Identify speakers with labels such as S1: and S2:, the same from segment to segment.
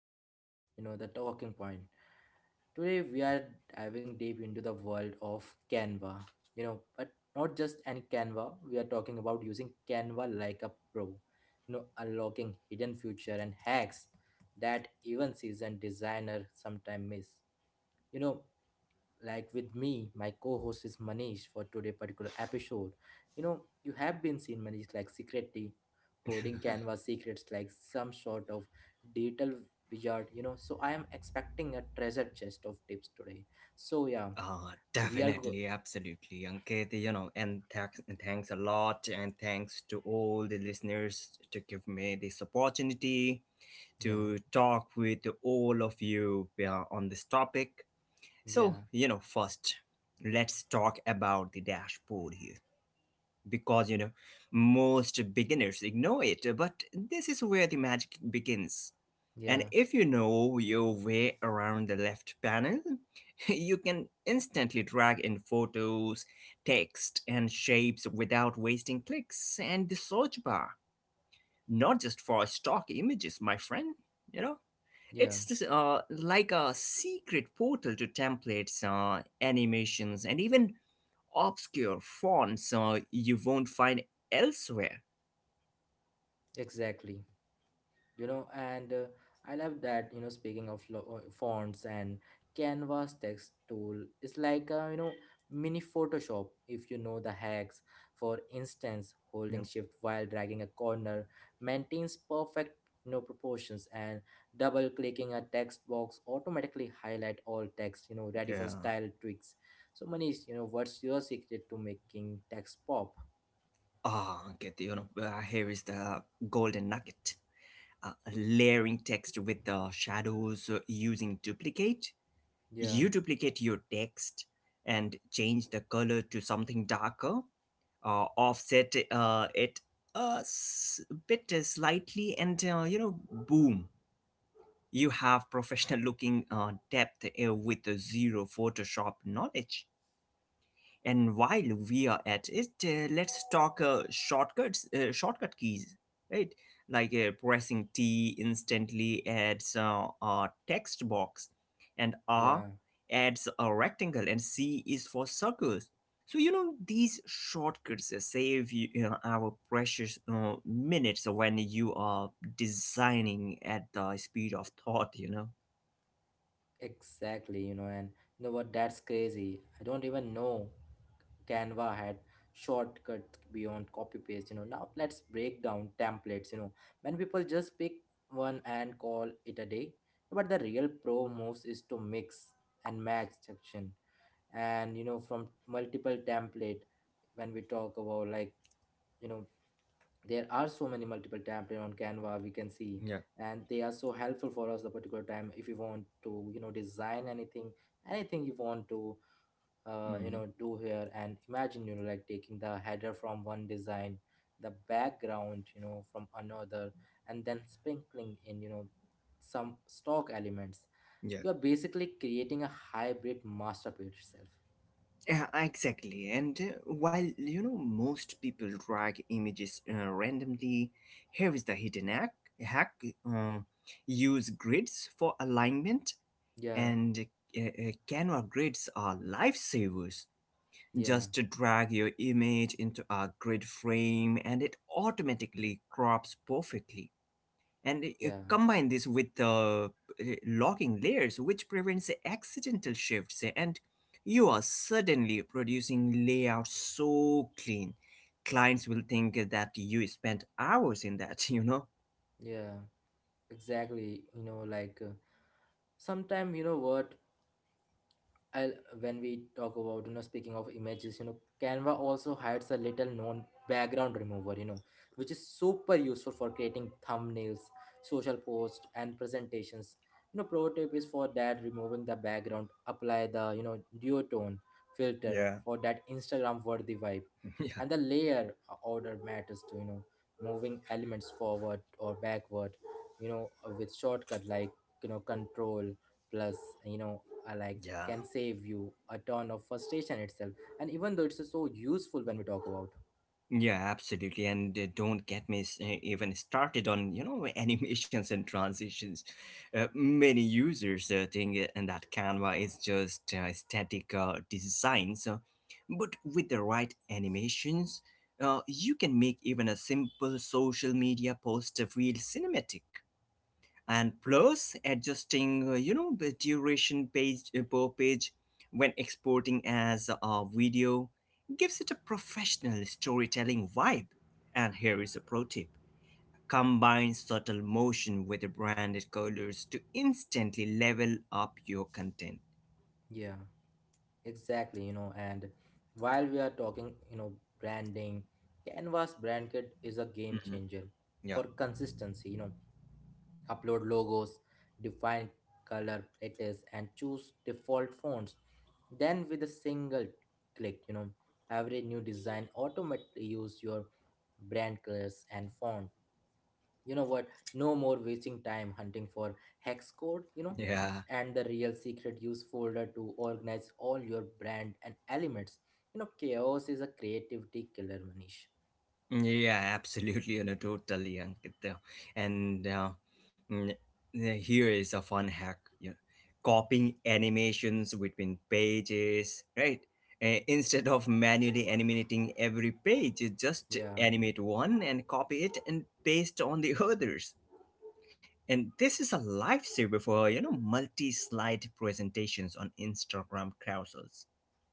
S1: podcast, The Talking Point. Today, we are diving deep into the world of Canva, but not just any Canva. We are talking about using Canva like a pro, unlocking hidden future and hacks that even seasoned designer sometimes miss. You know, like with me my co-host is Manish for today particular episode. You have been seen Manish like secretly holding canvas secrets like some sort of digital wizard. So I am expecting a treasure chest of tips today, so yeah. so we are go-
S2: Definitely, absolutely, Ankit. You know, and thanks a lot, and thanks to all the listeners to give me this opportunity
S1: yeah,
S2: to talk with all of you on this topic. So,
S1: yeah,
S2: first, let's talk about the dashboard here because most beginners ignore it, but this is where the magic begins. And
S1: yeah,
S2: if you know your way around the left panel, you can instantly drag in photos, text, and shapes without wasting clicks. And the search bar, not just for stock images, my friend, you know
S1: yeah.
S2: it's like a secret portal to templates, animations, and even obscure fonts you won't find elsewhere.
S1: Exactly. you know and I love that. Speaking of fonts and canva's text tool, it's like a, mini Photoshop if you know the hacks. For instance,
S2: Yep.
S1: holding shift while dragging a corner maintains perfect, proportions, and double clicking a text box automatically highlight all text, ready for
S2: Yeah.
S1: style tweaks. So Manish, what's your secret to making text pop?
S2: Okay, here is the golden nugget. Layering text with the shadows, using duplicate.
S1: Yeah,
S2: You duplicate your text and change the color to something darker, offset it a s- bit slightly, and boom, you have professional looking depth with zero Photoshop knowledge. And while we are at it, let's talk shortcuts, shortcut keys, right? Like pressing T instantly adds a text box, and R
S1: yeah.
S2: adds a rectangle, and C is for circles. So these shortcuts save you, our precious minutes when you are designing at the speed of thought.
S1: Exactly, and you know what? That's crazy. I don't even know Canva had shortcuts beyond copy paste. Now let's break down templates. When people just pick one and call it a day, but the real pro moves is to mix and match section, and from multiple template. When we talk about, like, you know there are so many multiple template on Canva we can see, and they are so helpful for us the particular time if you want to, design anything you want to
S2: Mhm.
S1: do here. And imagine, like taking the header from one design, the background, from another, and then sprinkling in, some stock elements.
S2: Yeah.
S1: You are basically creating a hybrid masterpiece itself.
S2: Yeah, exactly. And while most people drag images randomly, here is the hidden hack uh, use grids for alignment,
S1: Yeah,
S2: and Canva grids are lifesavers.
S1: yeah,
S2: Just to drag your image into a grid frame, and it automatically crops perfectly. And
S1: yeah,
S2: combine this with logging layers, which prevents accidental shifts, and you are suddenly producing layouts so clean clients will think that you spent hours in that you know
S1: yeah. Exactly. Sometimes you know what, and when we talk about, speaking of images, Canva also hides a little known background remover, which is super useful for creating thumbnails, social posts, and presentations. Pro tip is for that: removing the background, apply the, duotone filter
S2: Yeah.
S1: for that Instagram worthy vibe.
S2: Yeah.
S1: And the layer order matters too. Moving elements forward or backward, you know with shortcut like, control plus, I like,
S2: Yeah.
S1: can save you a ton of frustration itself. And even though it's so useful when we talk about,
S2: Yeah, absolutely. And don't get me even started on, animations and transitions. Many users think and that Canva is just static design. So, but with the right animations, you can make even a simple social media post feel cinematic. And plus, adjusting the duration page per page when exporting as a video gives it a professional storytelling vibe. And here is a pro tip: combine subtle motion with branded colors to instantly level up your content.
S1: yeah, exactly, and while we are talking, branding, canva's brand kit is a game
S2: Mhm.
S1: changer for
S2: Yeah.
S1: consistency. Upload logos, define color palettes, and choose default fonts, then with a single click, every new design automatically use your brand colors and font. You know what No more wasting time hunting for hex code.
S2: Yeah.
S1: And the real secret: use folder to organize all your brand and elements. Chaos is a creativity killer, Manish.
S2: Yeah, absolutely, totally, Ankit. And mm, yeah, here is a fun hack: copying animations between pages, right? Instead of manually animating every page, you just
S1: Yeah,
S2: animate one and copy it and paste on the others. And this is a lifesaver for multi-slide presentations on Instagram carousels.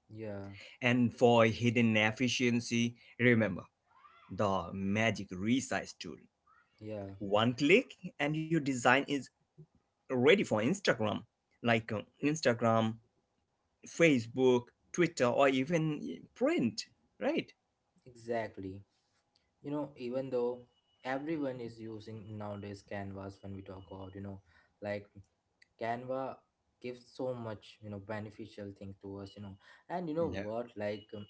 S1: yeah,
S2: And for hidden efficiency, remember the magic resize tool.
S1: yeah.
S2: One click and your design is ready for Instagram, like Instagram, Facebook, Twitter, or even print, right?
S1: Exactly, even though everyone is using nowadays canva's, when we talk about, like Canva gives so much, beneficial thing to us. You know and you know
S2: Yeah.
S1: what like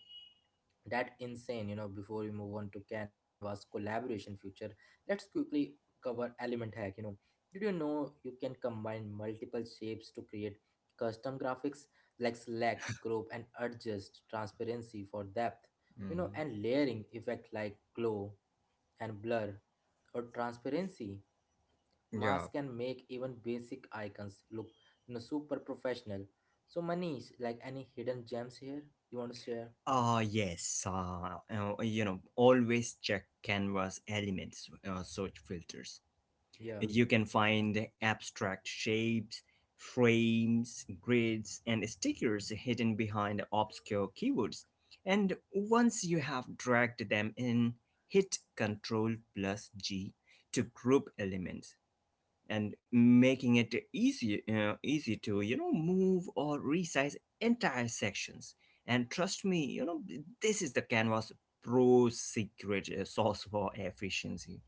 S1: That insane. Before we move on to canva's collaboration future, let's quickly cover element hack. Did you know you can combine multiple shapes to create custom graphics, like select, group, and adjust transparency for depth?
S2: Hmm.
S1: And layering effect like glow and blur or transparency
S2: Yeah.
S1: mask can make even basic icons look, super professional. So Manish, like, any hidden gems here you want to share?
S2: Yes, always check Canva's elements search filters.
S1: Yeah.
S2: You can find abstract shapes, frames, grids, and stickers hidden behind obscure keywords. And once you have dragged them in, hit Ctrl plus G to group elements, and making it easy, easy to move or resize entire sections. And trust me, this is the Canvas Pro secret sauce for efficiency.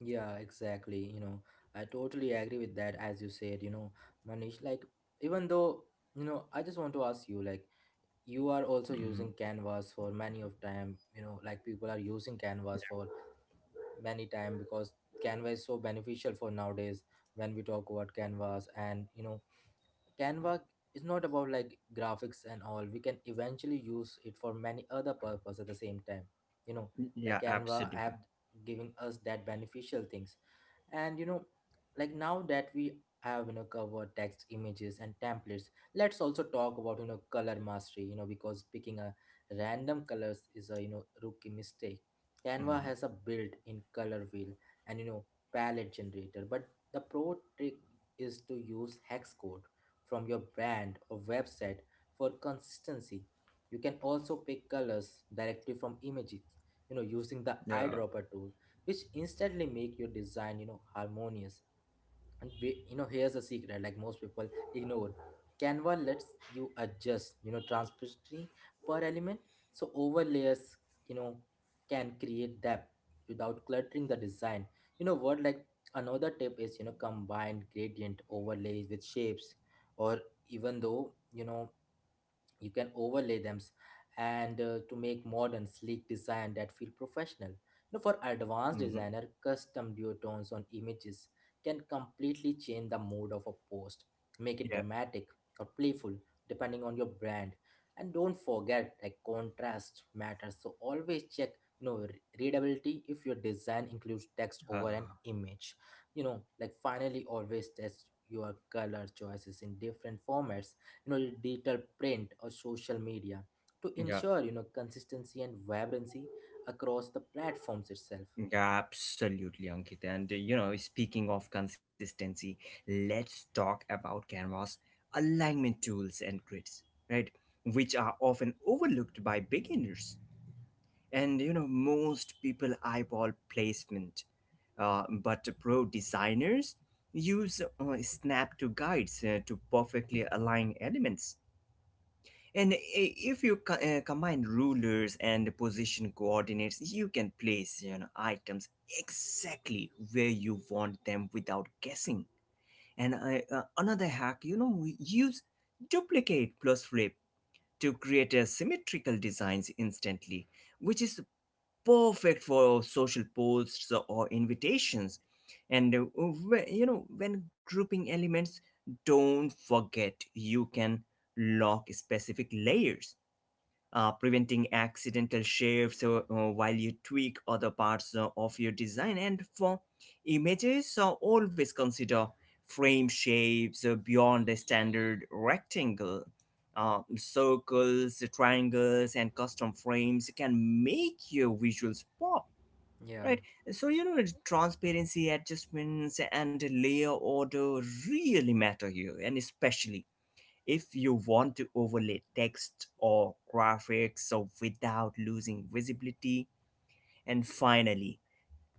S1: Yeah, exactly. I totally agree with that, as you said, Manish. Like, even though, I just want to ask you, like, you are also
S2: Mhm.
S1: using Canvas for many of time, like people are using Canvas for many time because Canva is so beneficial for nowadays when we talk about Canvas, and Canva is not about like graphics and all. We can eventually use it for many other purpose at the same time. You know,
S2: Yeah,
S1: like Canva
S2: absolutely.
S1: app giving us that beneficial things. And, like now that we have, covered text images and templates, let's also talk about, color mastery, because picking a random colors is a, rookie mistake. Canva
S2: Mhm.
S1: has a built-in color wheel and, palette generator, but the pro trick is to use hex code from your brand or website for consistency. You can also pick colors directly from images, using the
S2: Yeah.
S1: eyedropper tool, which instantly make your design, harmonious. And we, here's a secret like most people ignore. Canva lets you adjust, transparency per element. So overlays, you know, can create depth without cluttering the design. You know what? Like another tip is, combine gradient overlays with shapes, or even though, you can overlay them, and to make modern sleek design that feel professional. For advanced
S2: Mhm.
S1: designer, custom duotones on images can completely change the mood of a post, make it
S2: Yeah.
S1: dramatic or playful depending on your brand. And don't forget, like, contrast matters, so always check, readability, if your design includes text over
S2: Uh,
S1: an image, finally, always test your color choices in different formats, digital print or social media, to
S2: yeah.
S1: ensure, consistency and vibrancy across the platforms itself.
S2: Yeah, absolutely, Ankit. And speaking of consistency, let's talk about Canvas alignment tools and grids, right? Which are often overlooked by beginners. And most people eyeball placement, but pro designers use snap to guides to perfectly align elements. And if you combine rulers and position coordinates, you can place items exactly where you want them without guessing. And another hack, we use duplicate plus flip to create a symmetrical designs instantly, which is perfect for social posts or invitations. And when grouping elements, don't forget you can lock specific layers, preventing accidental shifts while you tweak other parts of your design. And for images, always consider frame shapes beyond the standard rectangle. Circles, triangles, and custom frames can make your visuals pop,
S1: Yeah.
S2: right? So, transparency adjustments and layer order really matter here, and especially if you want to overlay text or graphics, so without losing visibility. And finally,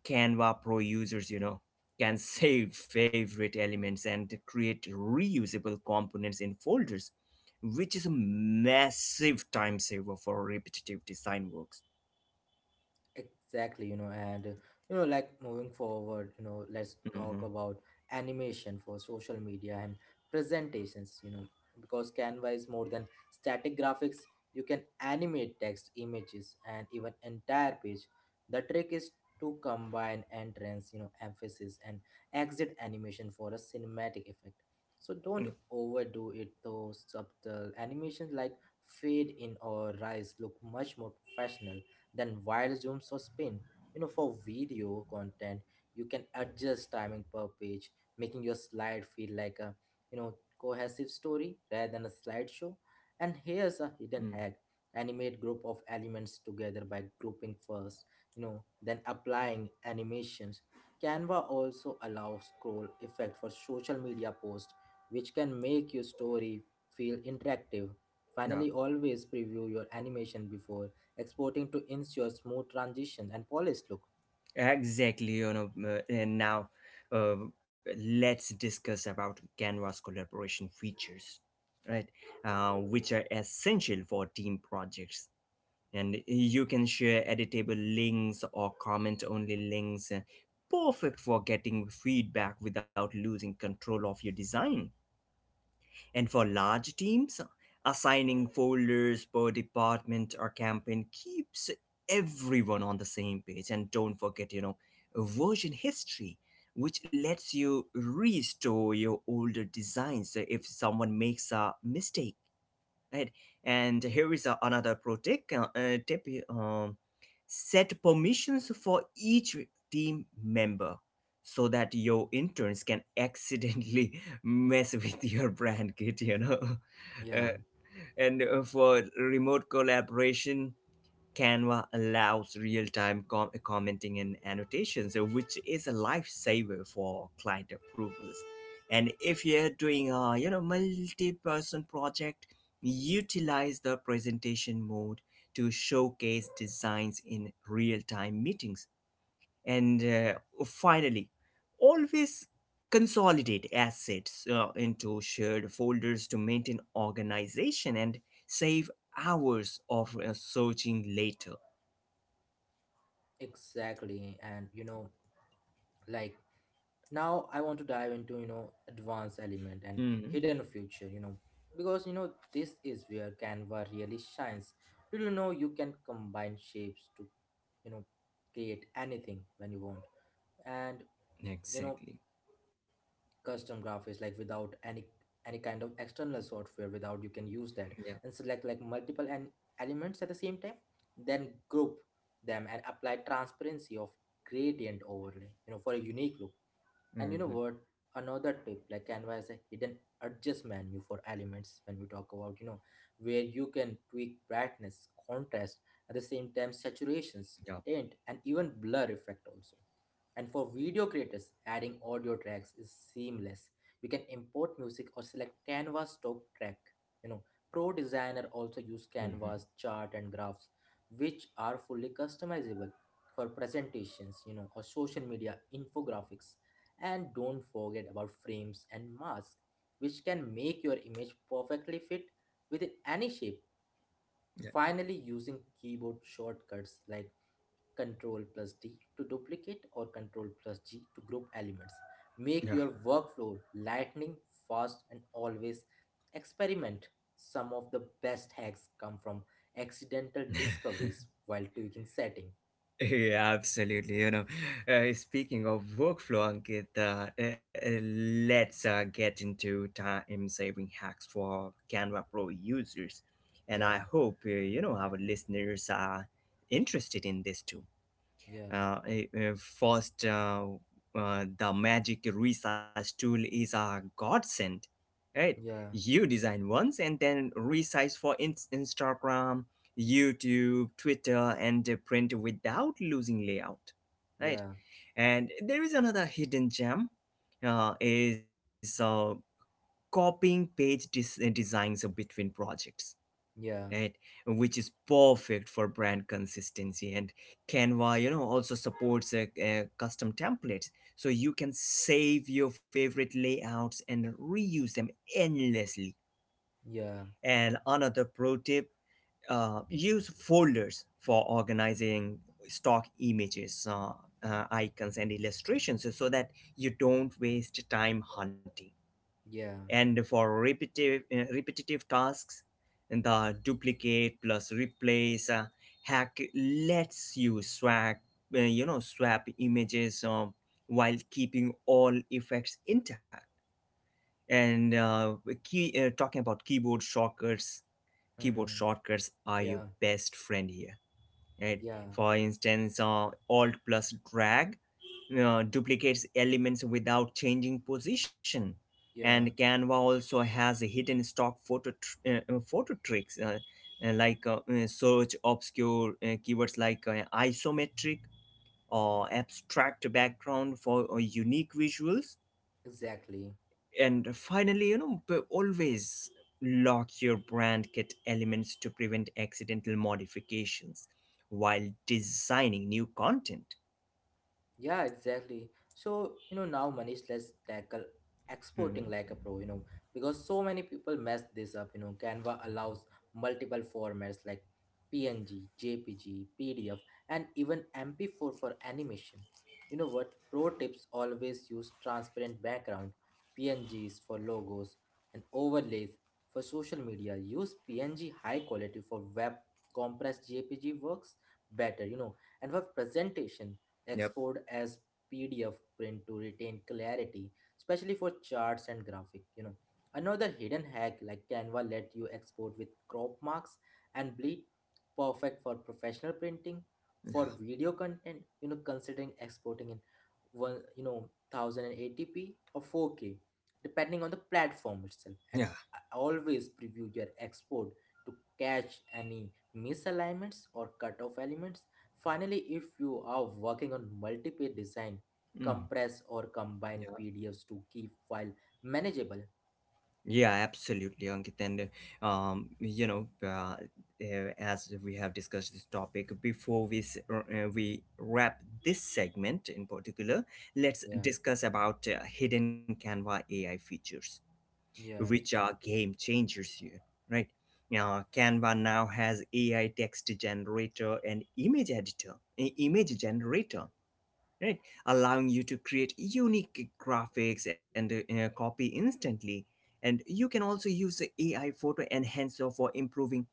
S2: Canva Pro users, can save favorite elements and create reusable components in folders, which is a massive time saver for repetitive design works.
S1: Exactly, moving forward, let's talk
S2: Mhm.
S1: about animation for social media and presentations, because Canva is more than static graphics. You can animate text, images, and even entire page. The trick is to combine entrance, emphasis, and exit animation for a cinematic effect. So
S2: Yeah.
S1: don't overdo it. Those subtle animations like fade in or rise look much more professional then while zoom or spin. For video content, you can adjust timing per page, making your slide feel like a, you know cohesive story rather than a slideshow. And here's a hidden
S2: Mm.
S1: hack: animate group of elements together by grouping first, then applying animations. Canva also allows scroll effect for social media posts, which can make your story feel interactive.
S2: Yeah.
S1: Finally, always preview your animation before exporting to ensure smooth transition and polished look.
S2: Exactly, and now uh, let's discuss about Canva's collaboration features, right? Which are essential for team projects. And you can share editable links or comment only links, perfect for getting feedback without losing control of your design. And for large teams, assigning folders per department or campaign keeps everyone on the same page. And don't forget, version history, which lets you restore your older designs. So if someone makes a mistake, right? And here is a, another pro tip, set permissions for each team member so that your interns can accidentally mess with your brand kit, Uh,
S1: Yeah.
S2: and For remote collaboration, Canva allows real time commenting and annotations, which is a lifesaver for client approvals. And if you're doing a multi-person project, utilize the presentation mode to showcase designs in real-time meetings. And finally, always consolidate assets into shared folders to maintain organization and save hours of searching later.
S1: Exactly. And, like now I want to dive into, advanced element and
S2: Hmm.
S1: hidden future, because this is where Canva really shines. Did you know you can combine shapes to, you know, create anything when you want? And, you know,
S2: Exactly.
S1: custom graphics, like without any kind of external software without you can use that,
S2: Yeah.
S1: and select like multiple and elements at the same time, then group them and apply transparency of gradient overlay, for a unique look. And you know
S2: Hmm.
S1: what? Another tip: like Canva has a hidden adjust menu for elements when we talk about, where you can tweak brightness, contrast, at the same time saturations,
S2: Yeah.
S1: tint, and even blur effect also. And for video creators, adding audio tracks is seamless. You can import music or select Canva stock track. You know, Pro designer
S2: Hmm.
S1: also use canva's chart and graphs, which are fully customizable for presentations, or social media infographics. And don't forget about frames and masks, which can make your image perfectly fit within any shape.
S2: Yeah.
S1: Finally, using keyboard shortcuts like Ctrl plus D to duplicate or Ctrl plus G to group elements,
S2: Yeah.
S1: make your workflow lightning, fast, and always experiment. Some of the best hacks come from accidental discoveries while tweaking setting.
S2: Yeah. Absolutely. Speaking of workflow, Ankit, let's get into time-saving hacks for Canva Pro users, and
S1: Yeah,
S2: I hope our listeners are interested in this too.
S1: yeah,
S2: Uh, First, the Magic Resize tool is a godsend, right?
S1: yeah,
S2: You design once and then resize for Instagram, YouTube, Twitter, and print without losing layout, right?
S1: yeah,
S2: And there is another hidden gem, is copying page designs between projects,
S1: yeah,
S2: right? Which is perfect for brand consistency. And Canva, also supports custom templates, so you can save your favorite layouts and reuse them endlessly.
S1: yeah,
S2: And another pro tip: use folders for organizing stock images, icons, and illustrations so that you don't waste time hunting.
S1: yeah.
S2: And for repetitive, repetitive tasks, the duplicate plus replace hack lets you swap images while keeping all effects intact. And talking about keyboard
S1: Hmm.
S2: shortcuts are your
S1: Yeah,
S2: best friend here, right?
S1: yeah,
S2: For instance, alt plus drag duplicates elements without changing position.
S1: yeah,
S2: And Canva also has a hidden stock photo tricks, like search obscure keywords like isometric or abstract background for unique visuals.
S1: exactly.
S2: And finally, always lock your brand kit elements to prevent accidental modifications while designing new content.
S1: Yeah, exactly. So, now Manish, let's tackle
S2: Mm.
S1: exporting like a pro, because so many people mess this up. Canva allows multiple formats like PNG, JPG, PDF, and even MP4 for animation. You know what? Pro tips: always use transparent background, PNGs for logos, and overlays for social media. Use PNG high quality for web, compressed JPG works better, and for presentation
S2: Yep.
S1: export as PDF print to retain clarity, especially for charts and graphic. Another hidden hack: like Canva let you export with crop marks and bleed, perfect for professional printing. For
S2: Yeah.
S1: video content, considering exporting in one, 1080p or 4K depending on the platform itself.
S2: Yeah.
S1: And always preview your export to catch any misalignments or cutoff elements. Finally, if you are working on multiple design,
S2: Mm.
S1: compress or combine
S2: Yeah.
S1: PDFs to keep file manageable.
S2: Yeah, absolutely, Ankit. And uh, um you know uh, as we have discussed this topic before we we wrap this segment in particular, let's
S1: Yeah,
S2: discuss about hidden Canva AI features, which
S1: yeah,
S2: are game changers here, right? Now, Canva now has AI text generator and image editor, image generator, right? Allowing you to create unique graphics and copy instantly. And you can also use the AI photo enhancer for improving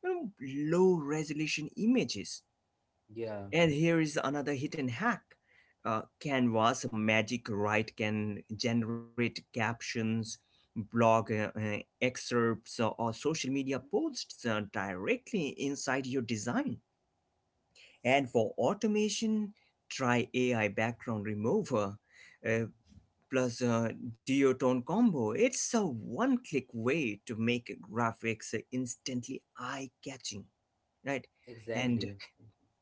S2: you know, low resolution images.
S1: yeah,
S2: And here is another hidden hack. Canva's Magic Write can generate captions, blog excerpts, or social media posts directly inside your design. And for automation, try AI background remover uh, plus duotone combo. It's a one click way to make graphics instantly eye catching, right? And
S1: exactly.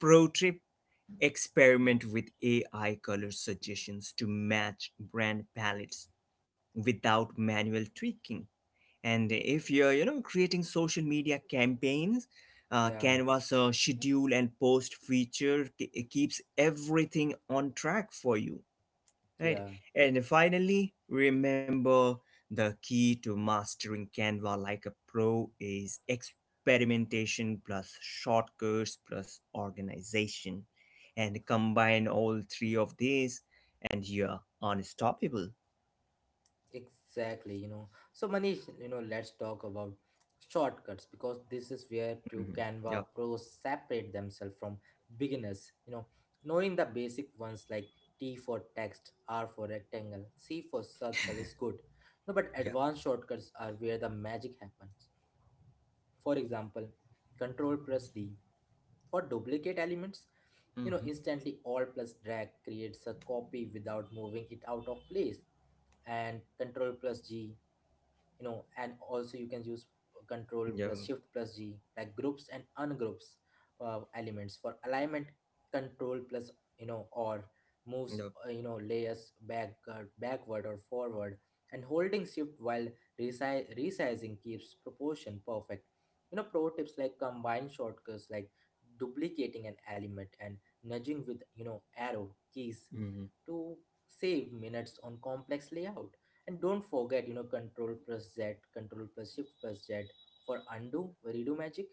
S2: pro tip: experiment with AI color suggestions to match brand palettes without manual tweaking. And if you're, creating social media campaigns,
S1: Yeah,
S2: Canvas schedule and post feature keeps everything on track for you, right?
S1: yeah.
S2: And finally, remember the key to mastering Canva like a pro is experimentation plus shortcuts plus organization, and combine all three of these and you're unstoppable.
S1: Exactly, So Manish, let's talk about shortcuts because this is where true
S2: Mhm. Yep.
S1: Canva pros separate themselves from beginners. Knowing the basic ones like T for text, R for rectangle, C for circle is good. No, but
S2: Yep.
S1: advanced shortcuts are where the magic happens. For example, Control plus D for duplicate elements.
S2: Hmm.
S1: Instantly all plus drag creates a copy without moving it out of place, and control plus G, and also you can use control plus
S2: Yeah.
S1: shift plus G, like groups and ungroups elements for alignment, control plus, or moves,
S2: Yep.
S1: layers back, backward or forward, and holding shift while resizing keeps proportion perfect. Pro tips like combine shortcuts like duplicating an element and nudging with, arrow keys
S2: Mhm.
S1: to save minutes on complex layout. And don't forget, control plus z, control plus shift plus z for undo redo magic.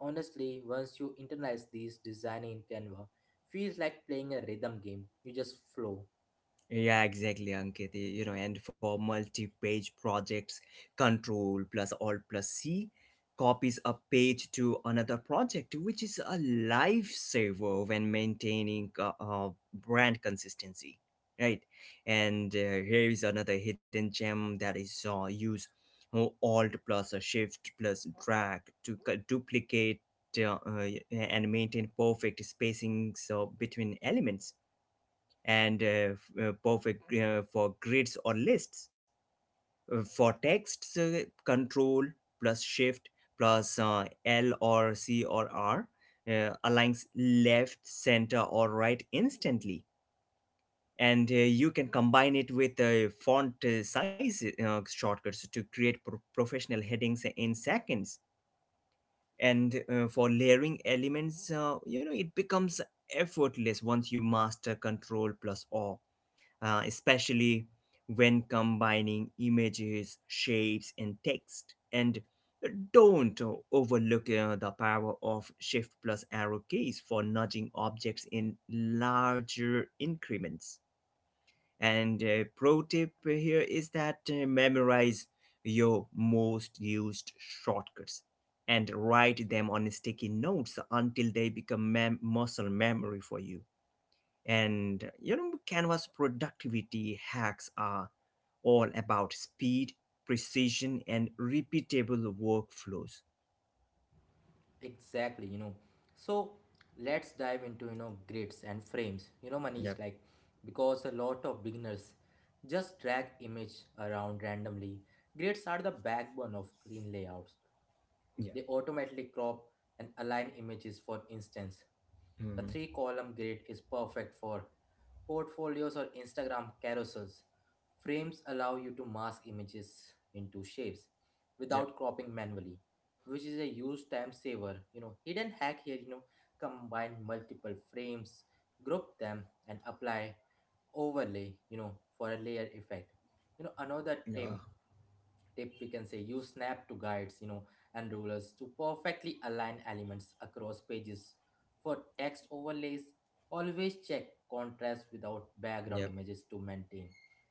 S1: Honestly, once you internalize these, designing in Canva feels like playing a rhythm game. You just flow.
S2: Yeah, exactly, Ankit. You know, and for multi-page projects, Control plus Alt plus C copies a page to another project, which is a lifesaver when maintaining brand consistency, right? And here is another hidden gem, that is use Alt plus a Shift plus drag to duplicate and maintain perfect spacing so between elements, and perfect for grids or lists. For texts, control plus shift plus L or C or R aligns left, center, or right instantly. And You can combine it with font size shortcuts to create professional headings in seconds. And For layering elements, it becomes effortless once you master control plus O, especially when combining images, shapes, and text. And don't overlook the power of Shift plus arrow keys for nudging objects in larger increments. And a pro tip here is that memorize your most used shortcuts and write them on sticky notes until they become muscle memory for you. And you know, Canva's productivity hacks are all about speed, precision, and repeatable workflows.
S1: Exactly, so let's dive into, grids and frames, Manish,
S2: Yep.
S1: like, because a lot of beginners just drag image around randomly. Grids are the backbone of clean layouts.
S2: Yeah.
S1: They automatically crop and align images. For instance, a
S2: Mm-hmm.
S1: three column grid is perfect for portfolios or Instagram carousels. Frames allow you to mask images into shapes
S2: Yep.
S1: without cropping manually, which is a huge time saver. Hidden hack here, combine multiple frames, group them, and apply overlay, for a layer effect. you know another tip
S2: Yeah.
S1: tip we can say, use snap to guides, and rulers to perfectly align elements across pages. For text overlays, always check contrast without background
S2: Yep.
S1: images to maintain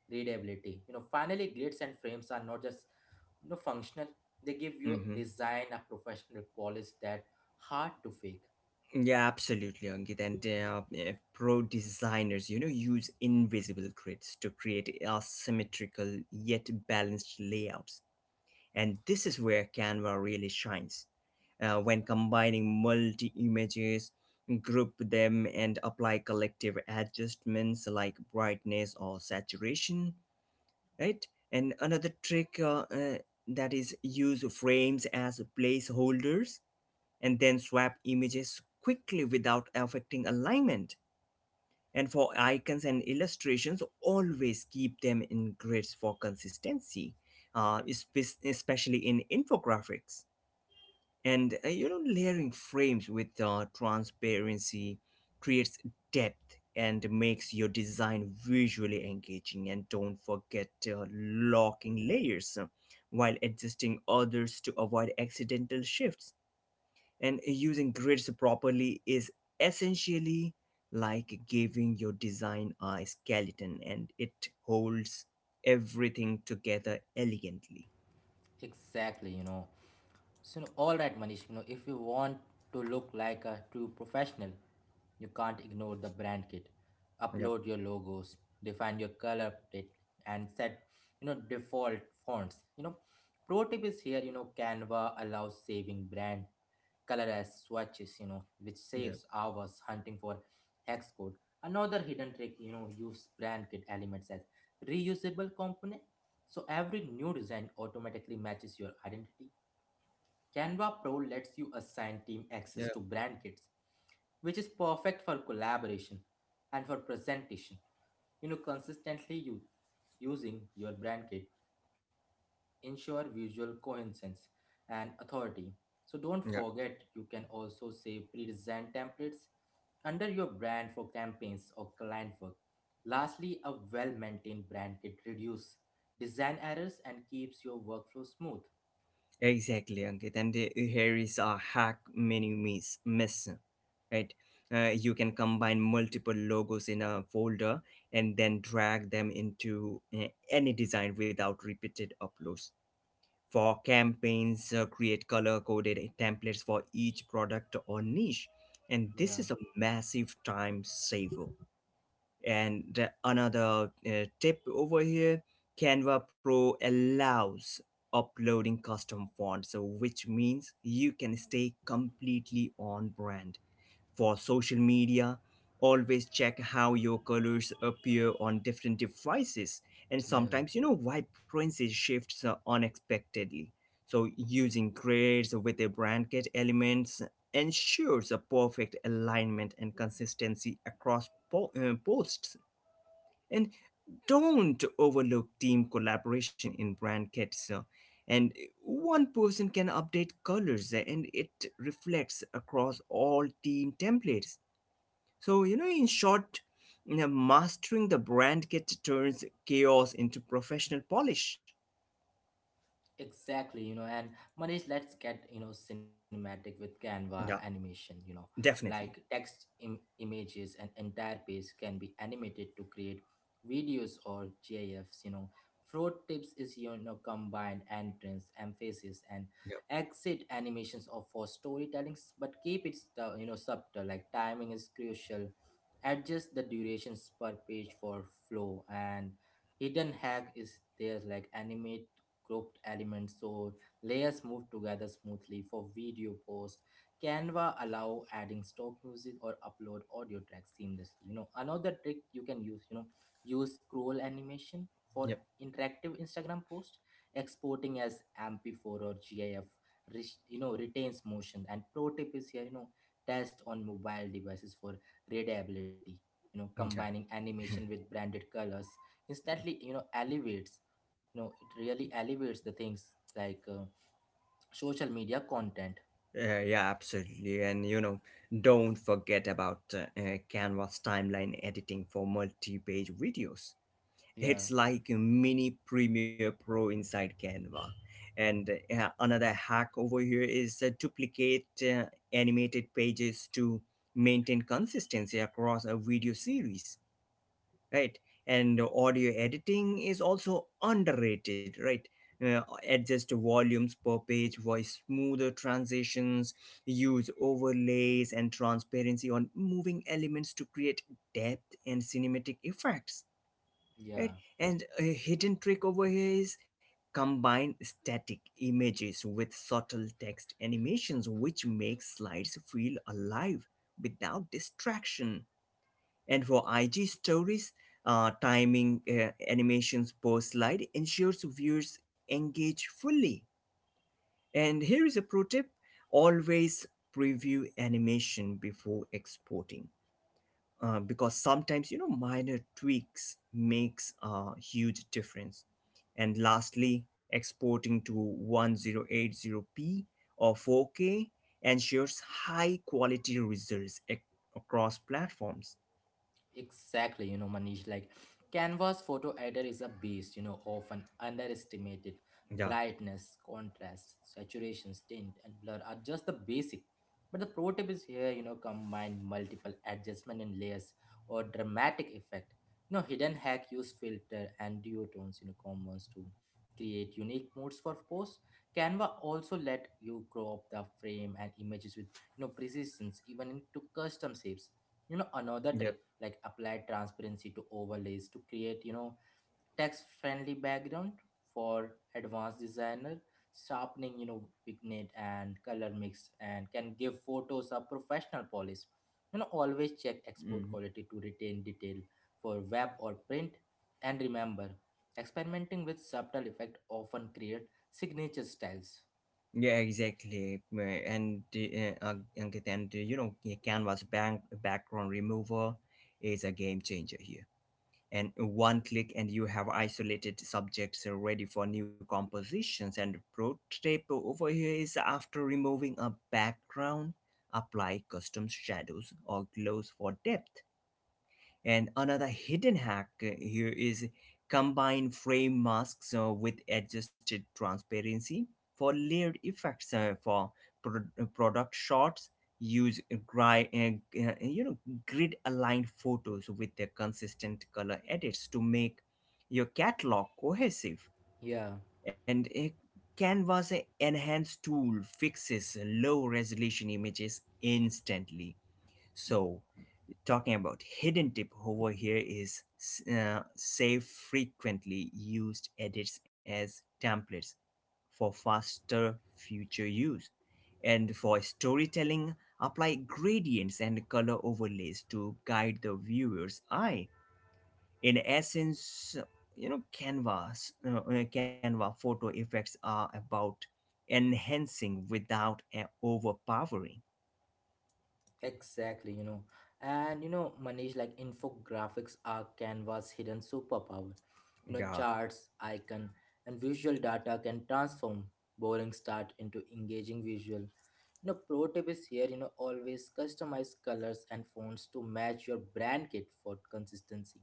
S1: readability. Finally, grids and frames are not just, functional, they give your
S2: Mm-hmm.
S1: design a professional polish that hard to fake.
S2: Yeah, absolutely, Ankit. And pro designers, you know, use invisible grids to create asymmetrical yet balanced layouts. And this is where Canva really shines. When combining multi images, group them, and apply collective adjustments like brightness or saturation, right? And another trick, that is, use frames as placeholders and then swap images quickly without affecting alignment, and for icons and illustrations, always keep them in grids for consistency, especially in infographics. And layering frames with transparency creates depth and makes your design visually engaging. And don't forget locking layers while adjusting others to avoid accidental shifts, and using grids properly is essentially like giving your design a skeleton, and it holds everything together elegantly.
S1: Exactly, So, all right, Manish, if you want to look like a true professional, you can't ignore the brand kit.
S2: Yep.
S1: Upload your logos, define your color palette, and set, default fonts. Pro tip is here, Canva allows saving brand color as swatches, which
S2: Yep.
S1: saves hours hunting for hex code. Another hidden trick, use brand kit elements as reusable component. So every new design automatically matches your identity. Canva Pro lets you assign team access
S2: Yep,
S1: to brand kits, which is perfect for collaboration and for presentation. Consistently you using your brand kit ensure visual coherence and authority. So don't
S2: yep.
S1: forget you can also save pre-designed templates under your brand for campaigns or client work. Lastly, a well-maintained brand kit reduces design errors and keeps your workflow smooth.
S2: Exactly, Ankit. And here is a hack many miss, right? You can combine multiple logos in a folder and then drag them into any design without repeated uploads. For campaigns, create color coded templates for each product or niche, and this
S1: Yeah.
S2: is a massive time saver. And another tip over here, Canva Pro allows uploading custom fonts, so which means you can stay completely on brand. For social media, always check how your colors appear on different devices, and
S1: Yeah.
S2: sometimes you know vibrancy shifts unexpectedly. So using grids with a blanket elements ensures a perfect alignment and consistency across posts, and don't overlook team collaboration in brand kits. And one person can update colors and it reflects across all team templates. So, you know, in short, you know, mastering the brand kit turns chaos into professional polish.
S1: Exactly, and Manish, let's get, cinematic with Canva
S2: Yeah.
S1: animation. Like
S2: Definitely.
S1: text, images, and entire page can be animated to create videos or GIFs. Fraud tips is, combined entrance, emphasis, and
S2: Yep.
S1: exit animations of for storytelling, but keep it subtle. Like timing is crucial. Adjust the durations per page for flow, and hidden hack is there, like animate grouped elements so layers move together smoothly for video posts. Canva allow adding stock music or upload audio tracks seamlessly. Another trick you can use, use scroll animation for
S2: Yep.
S1: interactive Instagram post, exporting as MP4 or GIF, retains motion. And pro tip is here, test on mobile devices for readability.
S2: Okay.
S1: Combining animation with branded colors
S2: Yeah.
S1: instantly, elevates, it really elevates the things like social media content.
S2: Yeah, absolutely. And, you know, don't forget about Canva's timeline editing for multi page videos.
S1: Yeah.
S2: It's like a mini Premiere Pro inside Canva. And yeah, another hack over here is duplicate animated pages to maintain consistency across a video series, right? And audio editing is also underrated, right? uh, Adjust volumes per page voice smoother transitions, use overlays and transparency on moving elements to create depth and cinematic effects,
S1: Yeah.
S2: right? And a hidden trick over here is combine static images with subtle text animations, which makes slides feel alive without distraction. And for IG stories, timing animations per slide ensures viewers engage fully. And here is a pro tip, always preview animation before exporting, because sometimes you know minor tweaks makes a huge difference. And lastly, exporting to 1080p or 4K ensures high quality results across platforms.
S1: Exactly, Manish, like Canvas photo editor is a beast, often underestimated.
S2: Yeah.
S1: Brightness, contrast, saturation, tint, and blur are just the basic. But the pro tip is here, combine multiple adjustment and layers or dramatic effect. Hidden hack, use filter and duotones, combos to create unique modes for posts. Canva also let you crop the frame and images with, precisions, even into custom shapes. Another
S2: Yeah.
S1: trick, like apply transparency to overlays to create, text friendly background. For advanced designer, sharpening, vignette and color mix and can give photos a professional polish. Always check export
S2: Mhm.
S1: quality to retain detail for web or print. And remember, experimenting with subtle effect often create signature styles.
S2: Yeah, exactly. And Ankit, and Canva's bank background remover is a game changer here. And one click and you have isolated subjects ready for new compositions. And pro tip over here is after removing a background, apply custom shadows or glows for depth. And another hidden hack here is combine frame masks with adjusted transparency for layered effects, for product shots. Use gri- uh, uh, you know grid aligned photos with the consistent color edits to make your catalog cohesive.
S1: Yeah.
S2: And a Canva's enhanced tool fixes low resolution images instantly. So talking about hidden tip over here is save frequently used edits as templates for faster future use. And for storytelling, apply gradients and color overlays to guide the viewer's eye. In essence, you know, Canva photo effects are about enhancing without overpowering.
S1: Exactly, And, Manish, like infographics are Canva's hidden superpower.
S2: Yeah.
S1: Charts, icon, and visual data can transform boring start into engaging visual. Pro tip is here, always customize colors and fonts to match your brand kit for consistency.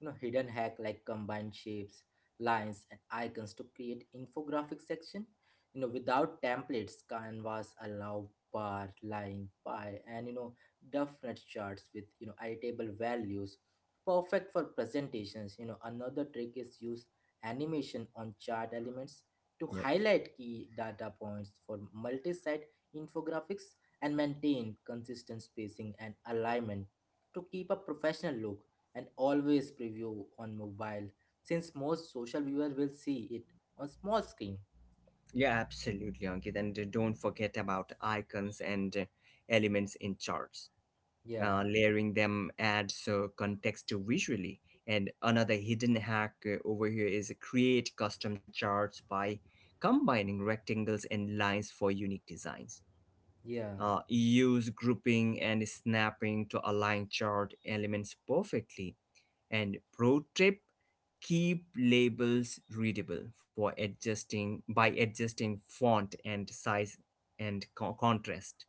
S1: Hidden hack, like combine shapes, lines, and icons to create infographic section. Without templates, canvas allow bar, line, pie, and, definite charts with, editable values. Perfect for presentations. Another trick is use animation on chart elements to
S2: Yep.
S1: highlight key data points. For multi infographics, and maintain consistent spacing and alignment to keep a professional look, and always preview on mobile since most social viewers will see it on small screen.
S2: Yeah, absolutely, Ankit. And don't forget about icons and elements in charts.
S1: Yeah,
S2: Layering them adds context to visually. And another hidden hack over here is create custom charts by combining rectangles and lines for unique designs.
S1: yeah,
S2: Use grouping and snapping to align chart elements perfectly. And pro tip, keep labels readable for adjusting by adjusting font and size and contrast.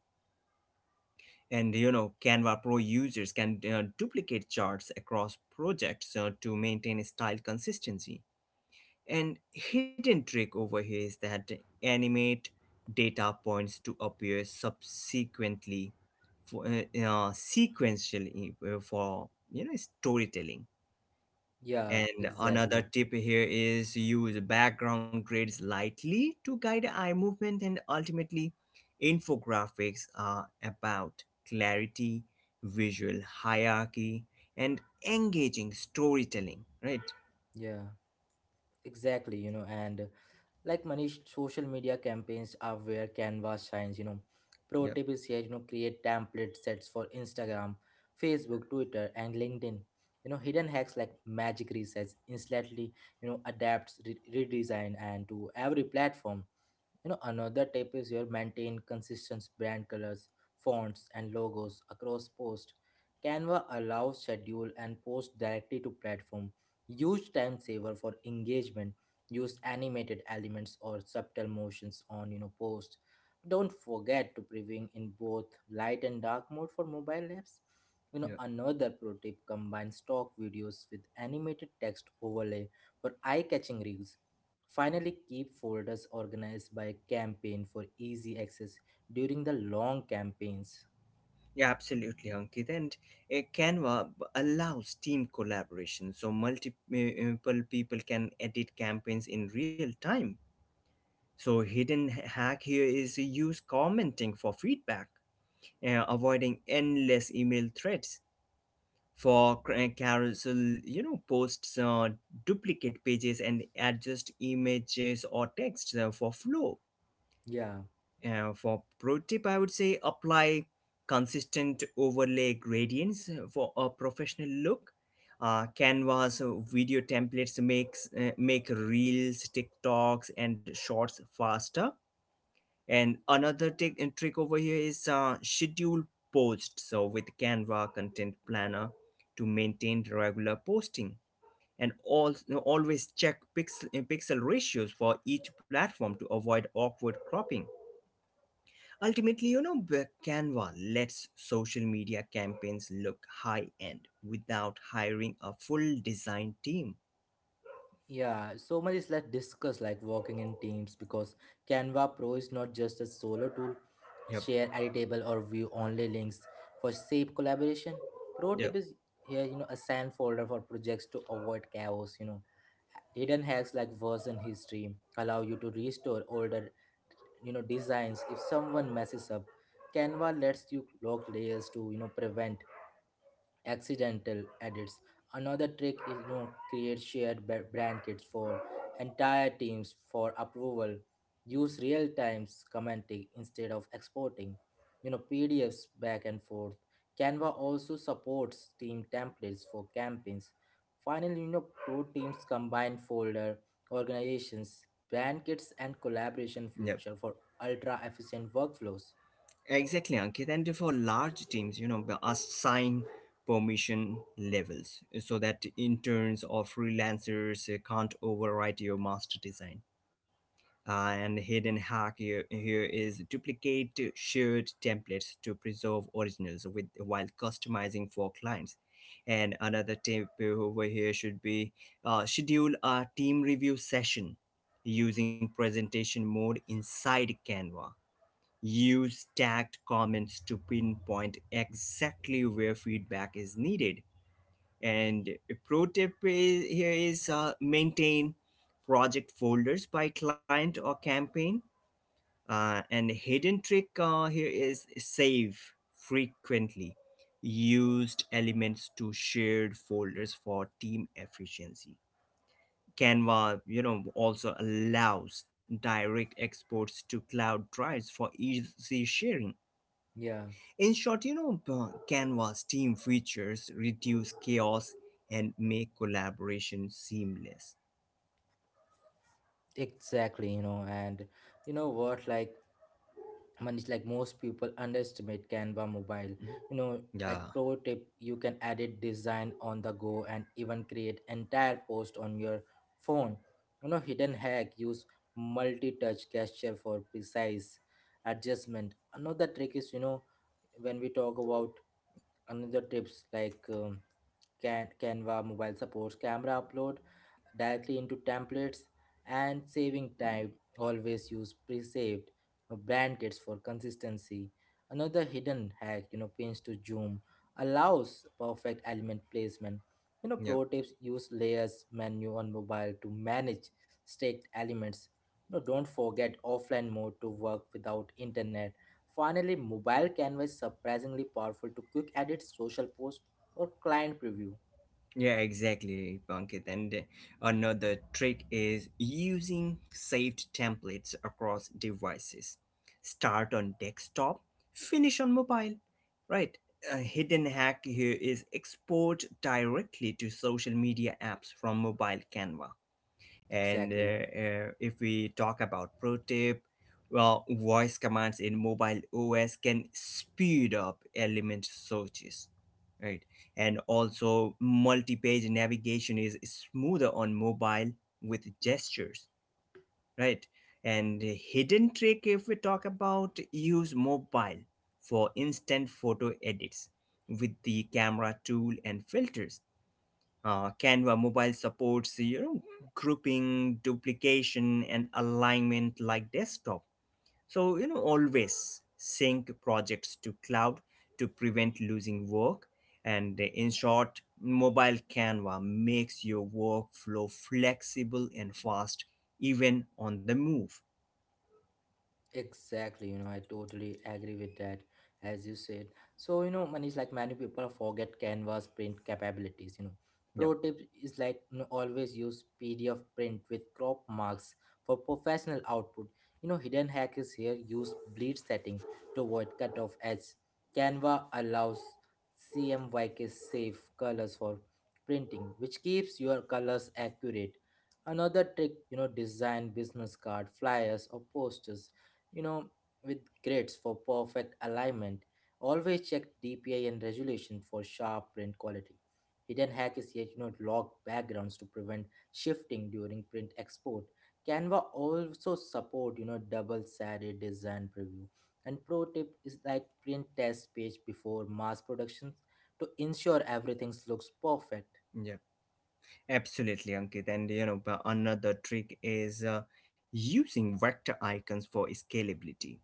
S2: And you know Canva Pro users can duplicate charts across projects to maintain style consistency. And hidden trick over here is that animate data points to appear subsequently for sequentially for you know storytelling.
S1: yeah,
S2: And another
S1: exactly.
S2: tip here is use background grids lightly to guide eye movement, and ultimately infographics are about clarity, visual hierarchy and engaging storytelling, right?
S1: Yeah, exactly, and like Manish, social media campaigns are where canvas shines. Pro
S2: Yeah.
S1: tip is here, create template sets for Instagram, Facebook, Twitter, and LinkedIn. Hidden hacks like magic resets instantly, adapts redesign and to every platform. Another tip is your maintain consistent brand colors, fonts, and logos across posts. Canva allows schedule and post directly to platform. Huge time saver for engagement. Use animated elements or subtle motions on, posts. Don't forget to preview in both light and dark mode for mobile apps.
S2: Yeah.
S1: Another pro tip, combine stock videos with animated text overlay for eye-catching reels. Finally, keep folders organized by campaign for easy access during the long campaigns.
S2: Yeah, absolutely, Ankit. And Canva allows team collaboration, so multiple people can edit campaigns in real time. So, hidden hack here is use commenting for feedback, avoiding endless email threads. For carousel you know posts, duplicate pages and adjust images or text for flow.
S1: Yeah,
S2: For pro tip, I would say apply consistent overlay gradients for a professional look. Canva's video templates make reels, TikToks and shorts faster. And another trick over here is schedule posts. So with Canva content planner to maintain regular posting. And also always check pixel ratios for each platform to avoid awkward cropping. Ultimately, you know, Canva lets social media campaigns look high end without hiring a full design team.
S1: yeah. So much is like discuss like working in teams, because Canva Pro is not just a solo tool.
S2: Yep.
S1: Share editable or view only links for safe collaboration. Pro tip
S2: Yep.
S1: is here, assign folder for projects to avoid chaos, Hidden hacks like version history allow you to restore older, designs if someone messes up. Canva lets you log layers to, prevent accidental edits. Another trick is, create shared brand kits for entire teams for approval. Use real time commenting instead of exporting, PDFs back and forth. Canva also supports team templates for campaigns. Finally, pro teams combine folder organizations, brand kits, and collaboration
S2: Yep.
S1: feature for ultra efficient workflows.
S2: Exactly, Ankit. And for large teams, you know, assign permission levels, so that interns or freelancers can't override your master design. And hidden hack here is duplicate shared templates to preserve originals with while customizing for clients. And another tip over here should be schedule a team review session using presentation mode inside Canva. Use tagged comments to pinpoint exactly where feedback is needed. And a pro tip is, maintain project folders by client or campaign. And hidden trick here is save frequently used elements to shared folders for team efficiency. Canva, you know, also allows direct exports to cloud drives for easy sharing.
S1: Yeah,
S2: In short, you know, Canva's team features reduce chaos and make collaboration seamless.
S1: exactly. And, what like one is, like most people underestimate canva mobile, you know
S2: Yeah.
S1: like pro tip, you can edit design on the go and even create entire post on your phone. Hidden hack, use multi-touch gesture for precise adjustment. Another trick is, when we talk about another tips like Canva mobile supports camera upload directly into templates and saving time. Always use pre-saved brand kits for consistency. Another hidden hack, pins to zoom allows perfect element placement.
S2: Yep.
S1: Pro tips, use layers menu on mobile to manage staked elements. Don't forget offline mode to work without internet. Finally, mobile canvas surprisingly powerful to quick edit social posts or client preview.
S2: Yeah, exactly, Pankit. And another trick is using saved templates across devices. Start on desktop, finish on mobile. Right. A hidden hack here is export directly to social media apps from mobile Canva. And
S1: Exactly.
S2: if we talk about pro tip, well, voice commands in mobile OS can speed up element searches, right? And also, multi page navigation is smoother on mobile with gestures, right? And the hidden trick, if we talk about, use mobile for instant photo edits with the camera tool and filters. Canva mobile supports you know grouping, duplication, and alignment like desktop. So you know always sync projects to cloud to prevent losing work. And in short, mobile Canva makes your workflow flexible and fast, even on the move.
S1: Exactly, I totally agree with that, as you said. So, Manish, like many people forget Canva's print capabilities,
S2: Yeah.
S1: Pro tip is like, always use PDF print with crop marks for professional output. Hidden hack is here, use bleed setting to avoid cutoff edge. Canva allows CMYK safe colors for printing, which keeps your colors accurate. Another trick, design business card, flyers, or posters, you know, with grids for perfect alignment. Always check DPI and resolution for sharp print quality. Hidden hack is yet, lock backgrounds to prevent shifting during print export. Canva also support, double-sided design preview. And pro tip is like, print test page before mass productions to ensure everything looks perfect.
S2: Yeah, absolutely, Ankit. And you know but another trick is using vector icons for scalability.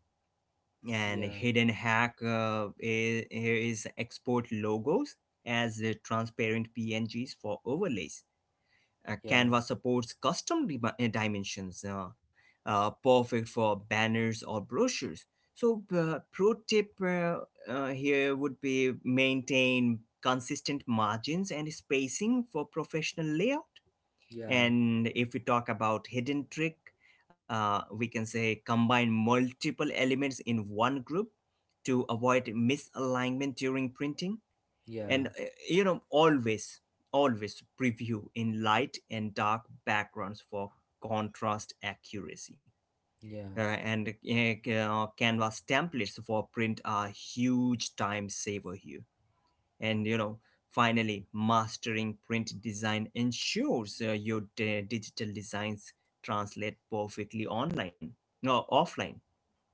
S2: And
S1: Yeah,
S2: hidden hack here is export logos as the transparent pngs for overlays.
S1: yeah,
S2: Canva supports custom dimensions, perfect for banners or brochures. So pro tip here would be maintain consistent margins and spacing for professional layout.
S1: yeah,
S2: And if we talk about hidden trick, we can say combine multiple elements in one group to avoid misalignment during printing.
S1: yeah,
S2: And you know, always preview in light and dark backgrounds for contrast accuracy. Uh,
S1: yeah.
S2: and eh, uh, canvas templates for print are huge time saver here. And you know, finally, mastering print design ensures your digital designs translate perfectly online, no, offline.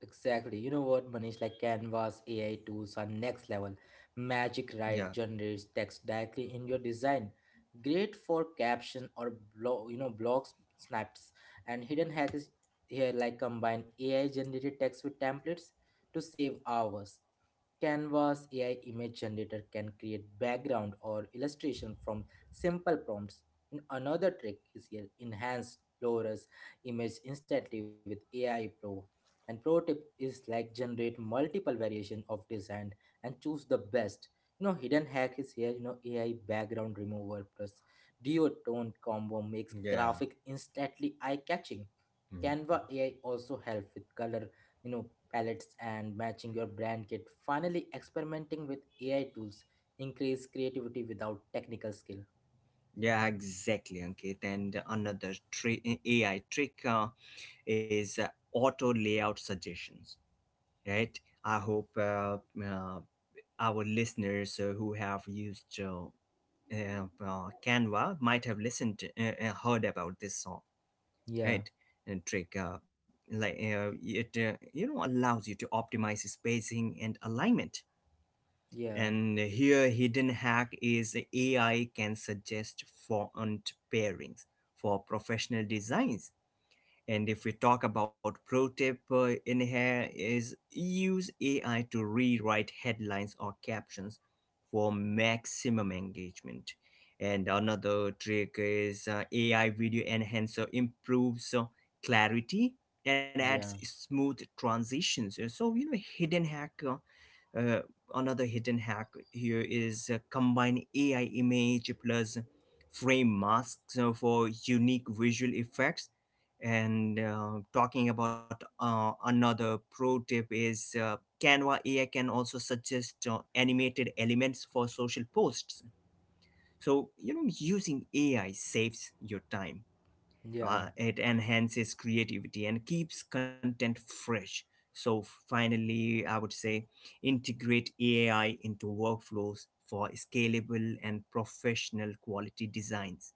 S1: Exactly. You know what, Manish? Like Canvas AI tools are next level. Magic
S2: Yeah.
S1: Write generates text directly in your design. Great for caption or blog, blogs, snaps, and hidden hacks here, like combine AI generated text with templates to save hours. Canvas AI image generator can create background or illustration from simple prompts. And another trick is here, enhance Laura's image instantly with AI Pro. And pro tip is like, generate multiple variation of design and choose the best. Hidden hack is here, AI background remover plus duotone combo makes
S2: Yeah.
S1: graphic instantly eye-catching.
S2: Mm.
S1: Canva AI also help with color, you know, palettes and matching your brand kit. Finally, experimenting with AI tools increase creativity without technical skill.
S2: Yeah, exactly, Ankit. And another AI trick is auto layout suggestions, right? I hope uh, our listeners who have used Canva might have heard about this,
S1: Yeah,
S2: right? And trick, like it you know, allows you to optimize spacing and alignment.
S1: yeah,
S2: And here hidden hack is AI can suggest font pairings for professional designs. And if we talk about pro tip in here is use AI to rewrite headlines or captions for maximum engagement. And another trick is AI video enhancer improves clarity and adds
S1: yeah,
S2: smooth transitions. So you know hidden hack, uh, another hidden hack here is combine AI image plus frame masks for unique visual effects. And talking about another pro tip is Canva AI can also suggest animated elements for social posts. So, you know, using AI saves your time.
S1: yeah.
S2: It enhances creativity and keeps content fresh. So, finally, I would say integrate AI into workflows for scalable and professional quality designs.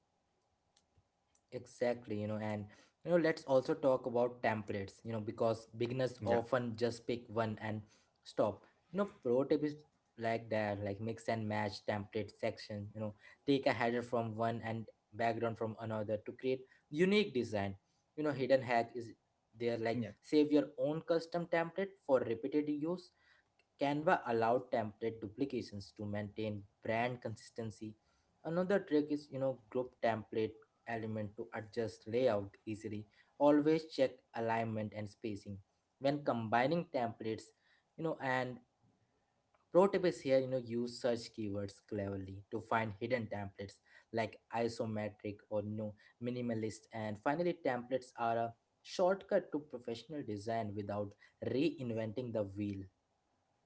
S1: Exactly, let's also talk about templates, because
S2: Yeah,
S1: beginners often just pick one and stop. You know, pro tip is like that, like mix and match template section, take a header from one and background from another to create unique design. You know, hidden hack is there
S2: yeah.
S1: like save your own custom template for repeated use. Canva allowed template duplications to maintain brand consistency. Another trick is, group template element to adjust layout easily. Always check alignment and spacing. When combining templates, you know, and pro tip is here, use search keywords cleverly to find hidden templates like isometric or no minimalist. And finally, templates are a shortcut to professional design without reinventing the wheel.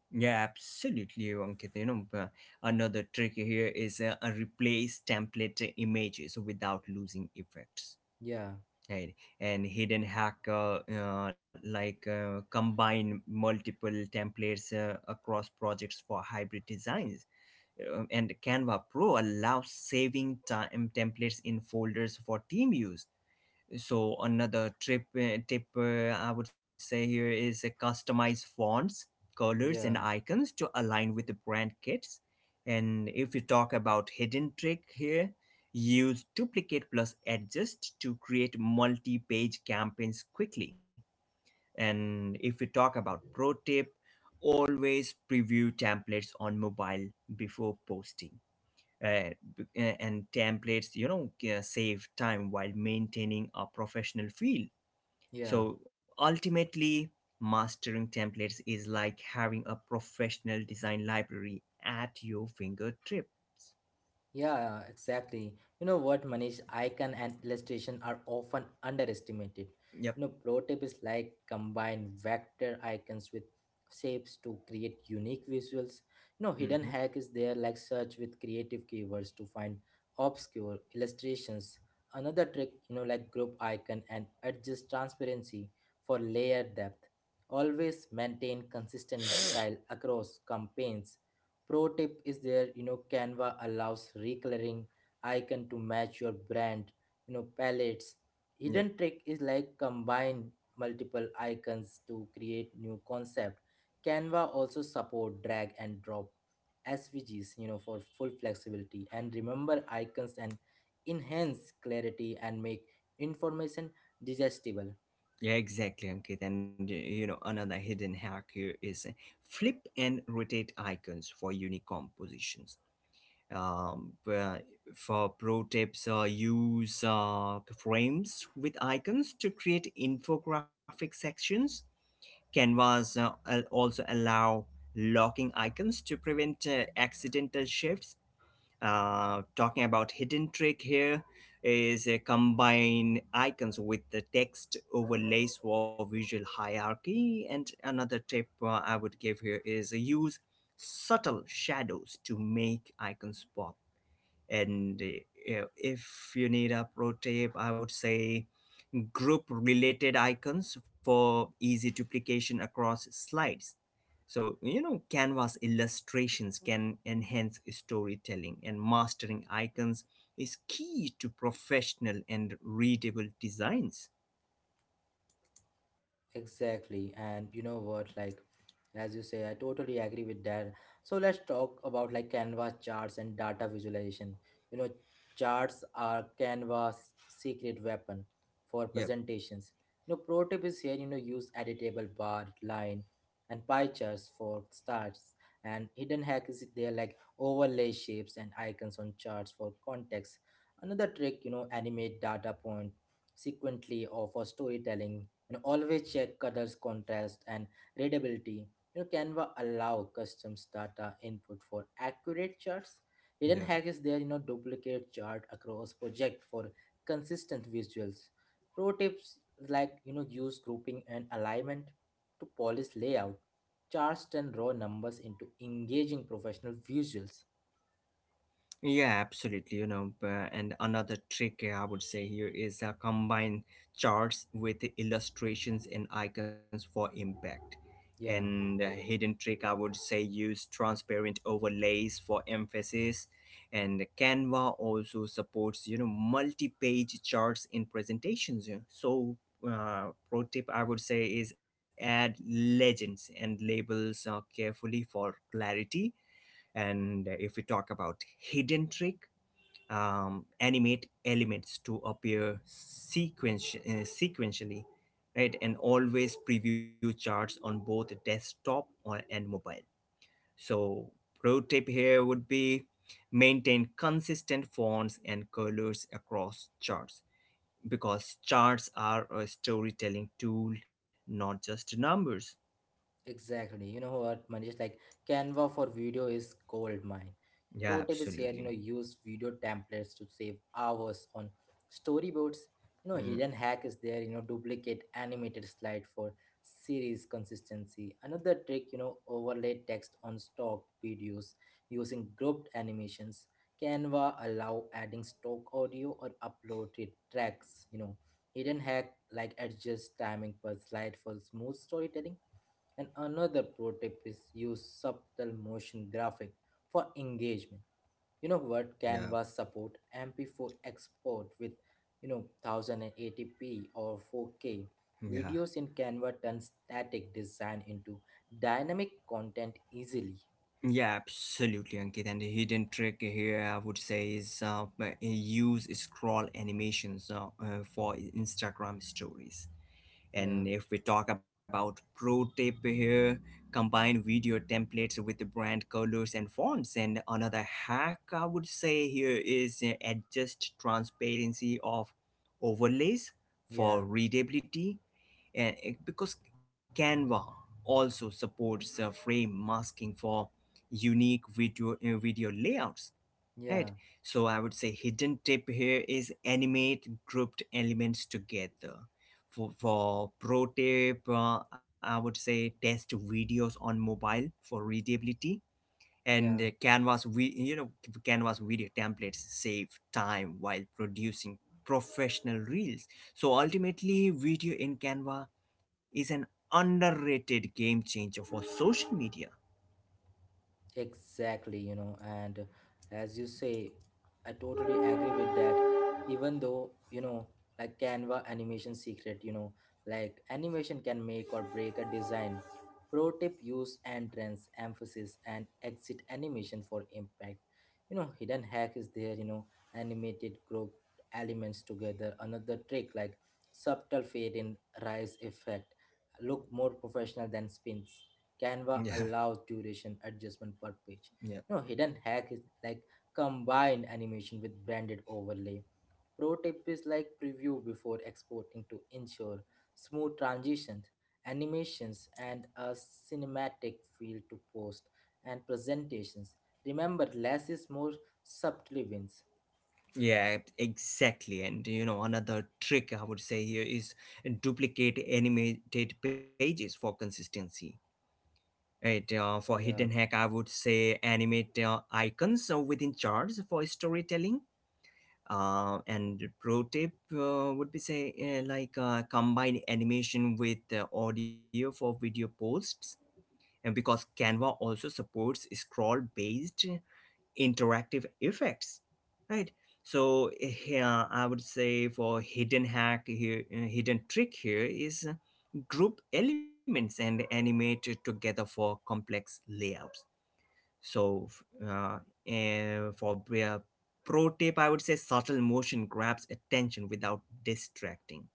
S2: Yeah, absolutely, Ankit. Another trick here is replace template images without losing effects.
S1: Yeah,
S2: Right, and hidden hack, like, combine multiple templates across projects for hybrid designs. And Canva Pro allows saving time templates in folders for team use. So another trip tip I would say here is customize fonts, colors, and
S1: yeah,
S2: icons to align with the brand kits. And if you talk about hidden trick here, use duplicate plus adjust to create multi-page campaigns quickly. And if we talk about pro tip, always preview templates on mobile before posting. uh, and templates, you know, save time while maintaining a professional feel.
S1: yeah.
S2: So ultimately, mastering templates is like having a professional design library at your fingertips.
S1: Yeah, exactly. You know what, Manish, icon and illustration are often underestimated.
S2: Yep.
S1: You know, pro tip is like combine vector icons with shapes to create unique visuals. You know, hidden
S2: Mm-hmm.
S1: hack is there like search with creative keywords to find obscure illustrations. Another trick, like group icon and adjust transparency for layer depth. Always maintain consistent style across campaigns. Pro tip is there, Canva allows recoloring icon to match your brand, palettes.
S2: Yep.
S1: Hidden trick is like combine multiple icons to create new concept. Canva also support drag and drop SVGs, for full flexibility. And remember icons and enhance clarity and make information digestible.
S2: Yeah, exactly, Ankit. And, you know, another hidden hack here is flip and rotate icons for unique compositions. um, uh, for pro tips, use frames with icons to create infographic sections. Canvas also allow locking icons to prevent accidental shifts. Talking about hidden trick here is combine icons with the text overlays for visual hierarchy. And another tip, I would give here is, use subtle shadows to make icons pop. And if you need a pro tip, I would say group related icons for easy duplication across slides. So, you know, Canvas illustrations can enhance storytelling, and mastering icons is key to professional and readable designs.
S1: Exactly. And you know what, like as you say, I totally agree with that. So let's talk about like Canva charts and data visualization. You know, charts are Canva's secret weapon for
S2: Yep.
S1: presentations. You know, pro tip is here, use editable bar, line, and pie charts for starts. And hidden hack is there like overlay shapes and icons on charts for context. Another trick, animate data point sequentially or for storytelling, and always check colors contrast and readability. Canva allow customs data input for accurate charts. Hidden
S2: Yeah.
S1: hack is there, duplicate chart across project for consistent visuals. Pro tips like, use grouping and alignment to polish layout. Charts turn raw numbers into engaging professional visuals.
S2: Yeah, absolutely. And another trick, I would say here is combine charts with illustrations and icons for impact.
S1: Yeah.
S2: And a hidden trick, I would say, use transparent overlays for emphasis. And Canva also supports, you know, multi-page charts in presentations, you know. So pro tip, I would say, is add legends and labels carefully for clarity. And if we talk about hidden trick, animate elements to appear sequentially, right? And always preview charts on both desktop and mobile. So, pro tip here would be maintain consistent fonts and colors across charts, because charts are a storytelling tool, not just numbers.
S1: Exactly. You know what, Manish? Like Canva for video is gold mine. The
S2: Yeah,
S1: pro tip is here,
S2: absolutely.
S1: use video templates to save hours on storyboards. You know,
S2: Mm,
S1: hidden hack is there, duplicate animated slide for series consistency. Another trick, overlay text on stock videos using grouped animations. Canva allow adding stock audio or uploaded tracks, Hidden hack like adjust timing per slide for smooth storytelling, and another pro tip is use subtle motion graphic for engagement. You know what?
S2: yeah,
S1: Canva support MP4 export with 1080p or 4K.
S2: yeah.
S1: Videos in Canva turn static design into dynamic content easily.
S2: Yeah, absolutely, Ankit. And the hidden trick here, I would say, is use scroll animations for Instagram stories.
S1: Yeah,
S2: And if we talk about pro tip here, combine video templates with the brand colors and fonts. And another hack, I would say here, is adjust transparency of overlays
S1: yeah,
S2: for readability. Because Canva also supports frame masking for unique video layouts. Right.
S1: yeah,
S2: So I would say hidden tip here is animate grouped elements together. For pro tip, I would say test videos on mobile for readability. And
S1: yeah.
S2: canvas we you know Canvas video templates save time while producing professional reels. So ultimately, video in Canva is an underrated game changer for social media.
S1: Exactly, and as you say, I totally agree with that. Even though, like Canva animation secret, like animation can make or break a design. Pro tip use entrance, emphasis, and exit animation for impact. You know, hidden hack is there, animated group elements together. Another trick like subtle fade in rise effect. Look more professional than spins. Canva
S2: Yeah,
S1: allows duration adjustment per page.
S2: yeah.
S1: You know, hidden hack is like combine animation with branded overlay. Pro tip is like preview before exporting to ensure smooth transitions, animations, and a cinematic feel to post and presentations. Remember, less is more, subtly wins.
S2: Yeah, exactly. And you know, another trick I would say here is duplicate animated pages for consistency. Right. For hidden
S1: Yeah,
S2: hack, I would say animate icons within charts for storytelling. And pro tip would be say, combine animation with audio for video posts. And because Canva also supports scroll based interactive effects, right? So here I would say for hidden hack here hidden trick here is group elements and animate together for complex layouts. So uh, uh, for pro tip, I would say subtle motion grabs attention without distracting.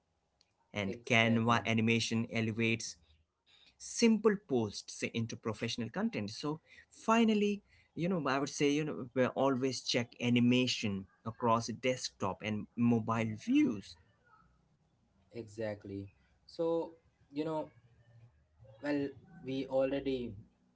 S2: And Canva
S1: exactly.
S2: animation elevates simple posts into professional content. So finally, you know, I would say, you know, we always check animation across desktop and mobile views.
S1: Exactly. So, you know, Well, we already,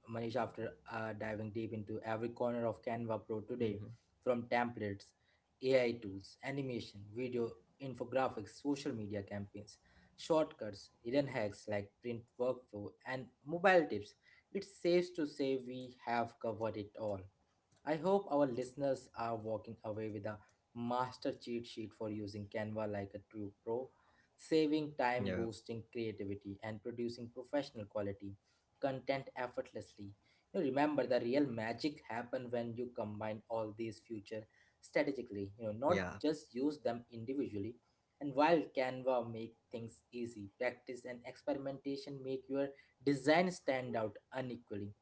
S1: Manish, after diving deep into every corner of Canva Pro today,
S2: Hmm.
S1: from templates, AI tools, animation, video, infographics, social media campaigns, shortcuts, hidden hacks like print workflow, and mobile tips, it safe to say we have covered it all. I hope our listeners are walking away with a master cheat sheet for using Canva like a true pro, saving time,
S2: Yeah,
S1: boosting creativity, and producing professional quality content effortlessly. You know, remember, the real magic happen when you combine all these features strategically. You know, not
S2: yeah,
S1: just use them individually. And while Canva make things easy, practice and experimentation make your design stand out unequally.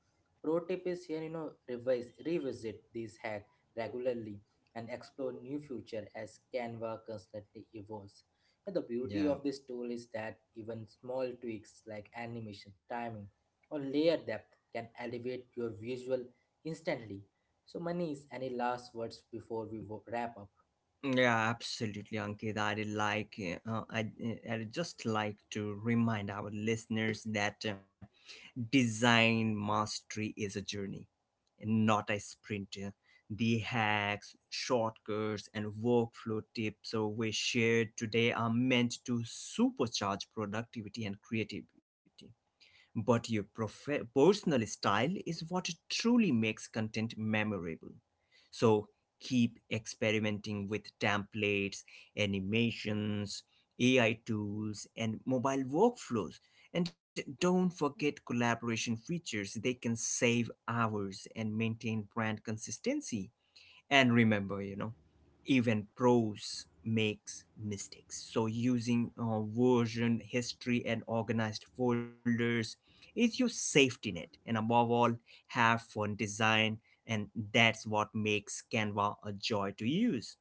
S1: Pro tip is here, revisit these hacks regularly and explore new future as Canva constantly evolves. But the beauty
S2: yeah,
S1: of this tool is that even small tweaks like animation, timing, or layer depth can elevate your visual instantly. So, Manish, any last words before we wrap up?
S2: yeah. Absolutely, Ankit. Uh, I, I'd just like to remind our listeners that design mastery is a journey, not a sprint. The hacks, shortcuts, and workflow tips we shared today are meant to supercharge productivity and creativity. But your personal style is what truly makes content memorable. So keep experimenting with templates, animations, AI tools, and mobile workflows. And don't forget collaboration features, they can save hours and maintain brand consistency. And remember, you know, even pros makes mistakes. So using version history and organized folders is your safety net. And above all, have fun design. And that's what makes Canva a joy to use.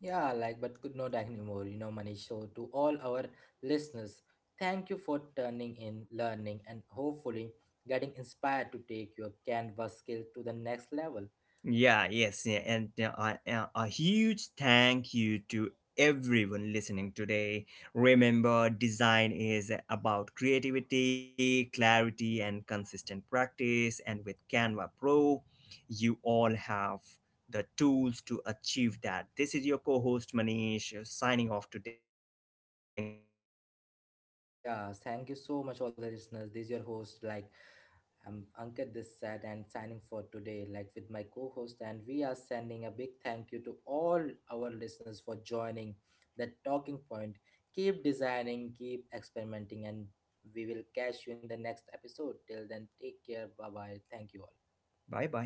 S1: Yeah, like, but could not anymore, Manish. So, to all our listeners, thank you for turning in, learning, and hopefully getting inspired to take your canvas skill to the next level.
S2: Yeah, yes, yeah, and a huge thank you to everyone listening today. Remember, design is about creativity, clarity, and consistent practice. And with Canva Pro, you all have the tools to achieve that. This is your co host Manish signing off today. Thank you, Ankit.
S1: Yeah, thank you so much, all the listeners. This is your host, like, I'm Ankit this side and signing for today, like with my co host. And we are sending a big thank you to all our listeners for joining the talking point. Keep designing, keep experimenting, and we will catch you in the next episode. Till then, take care. Bye bye. Thank you all.
S2: Bye bye.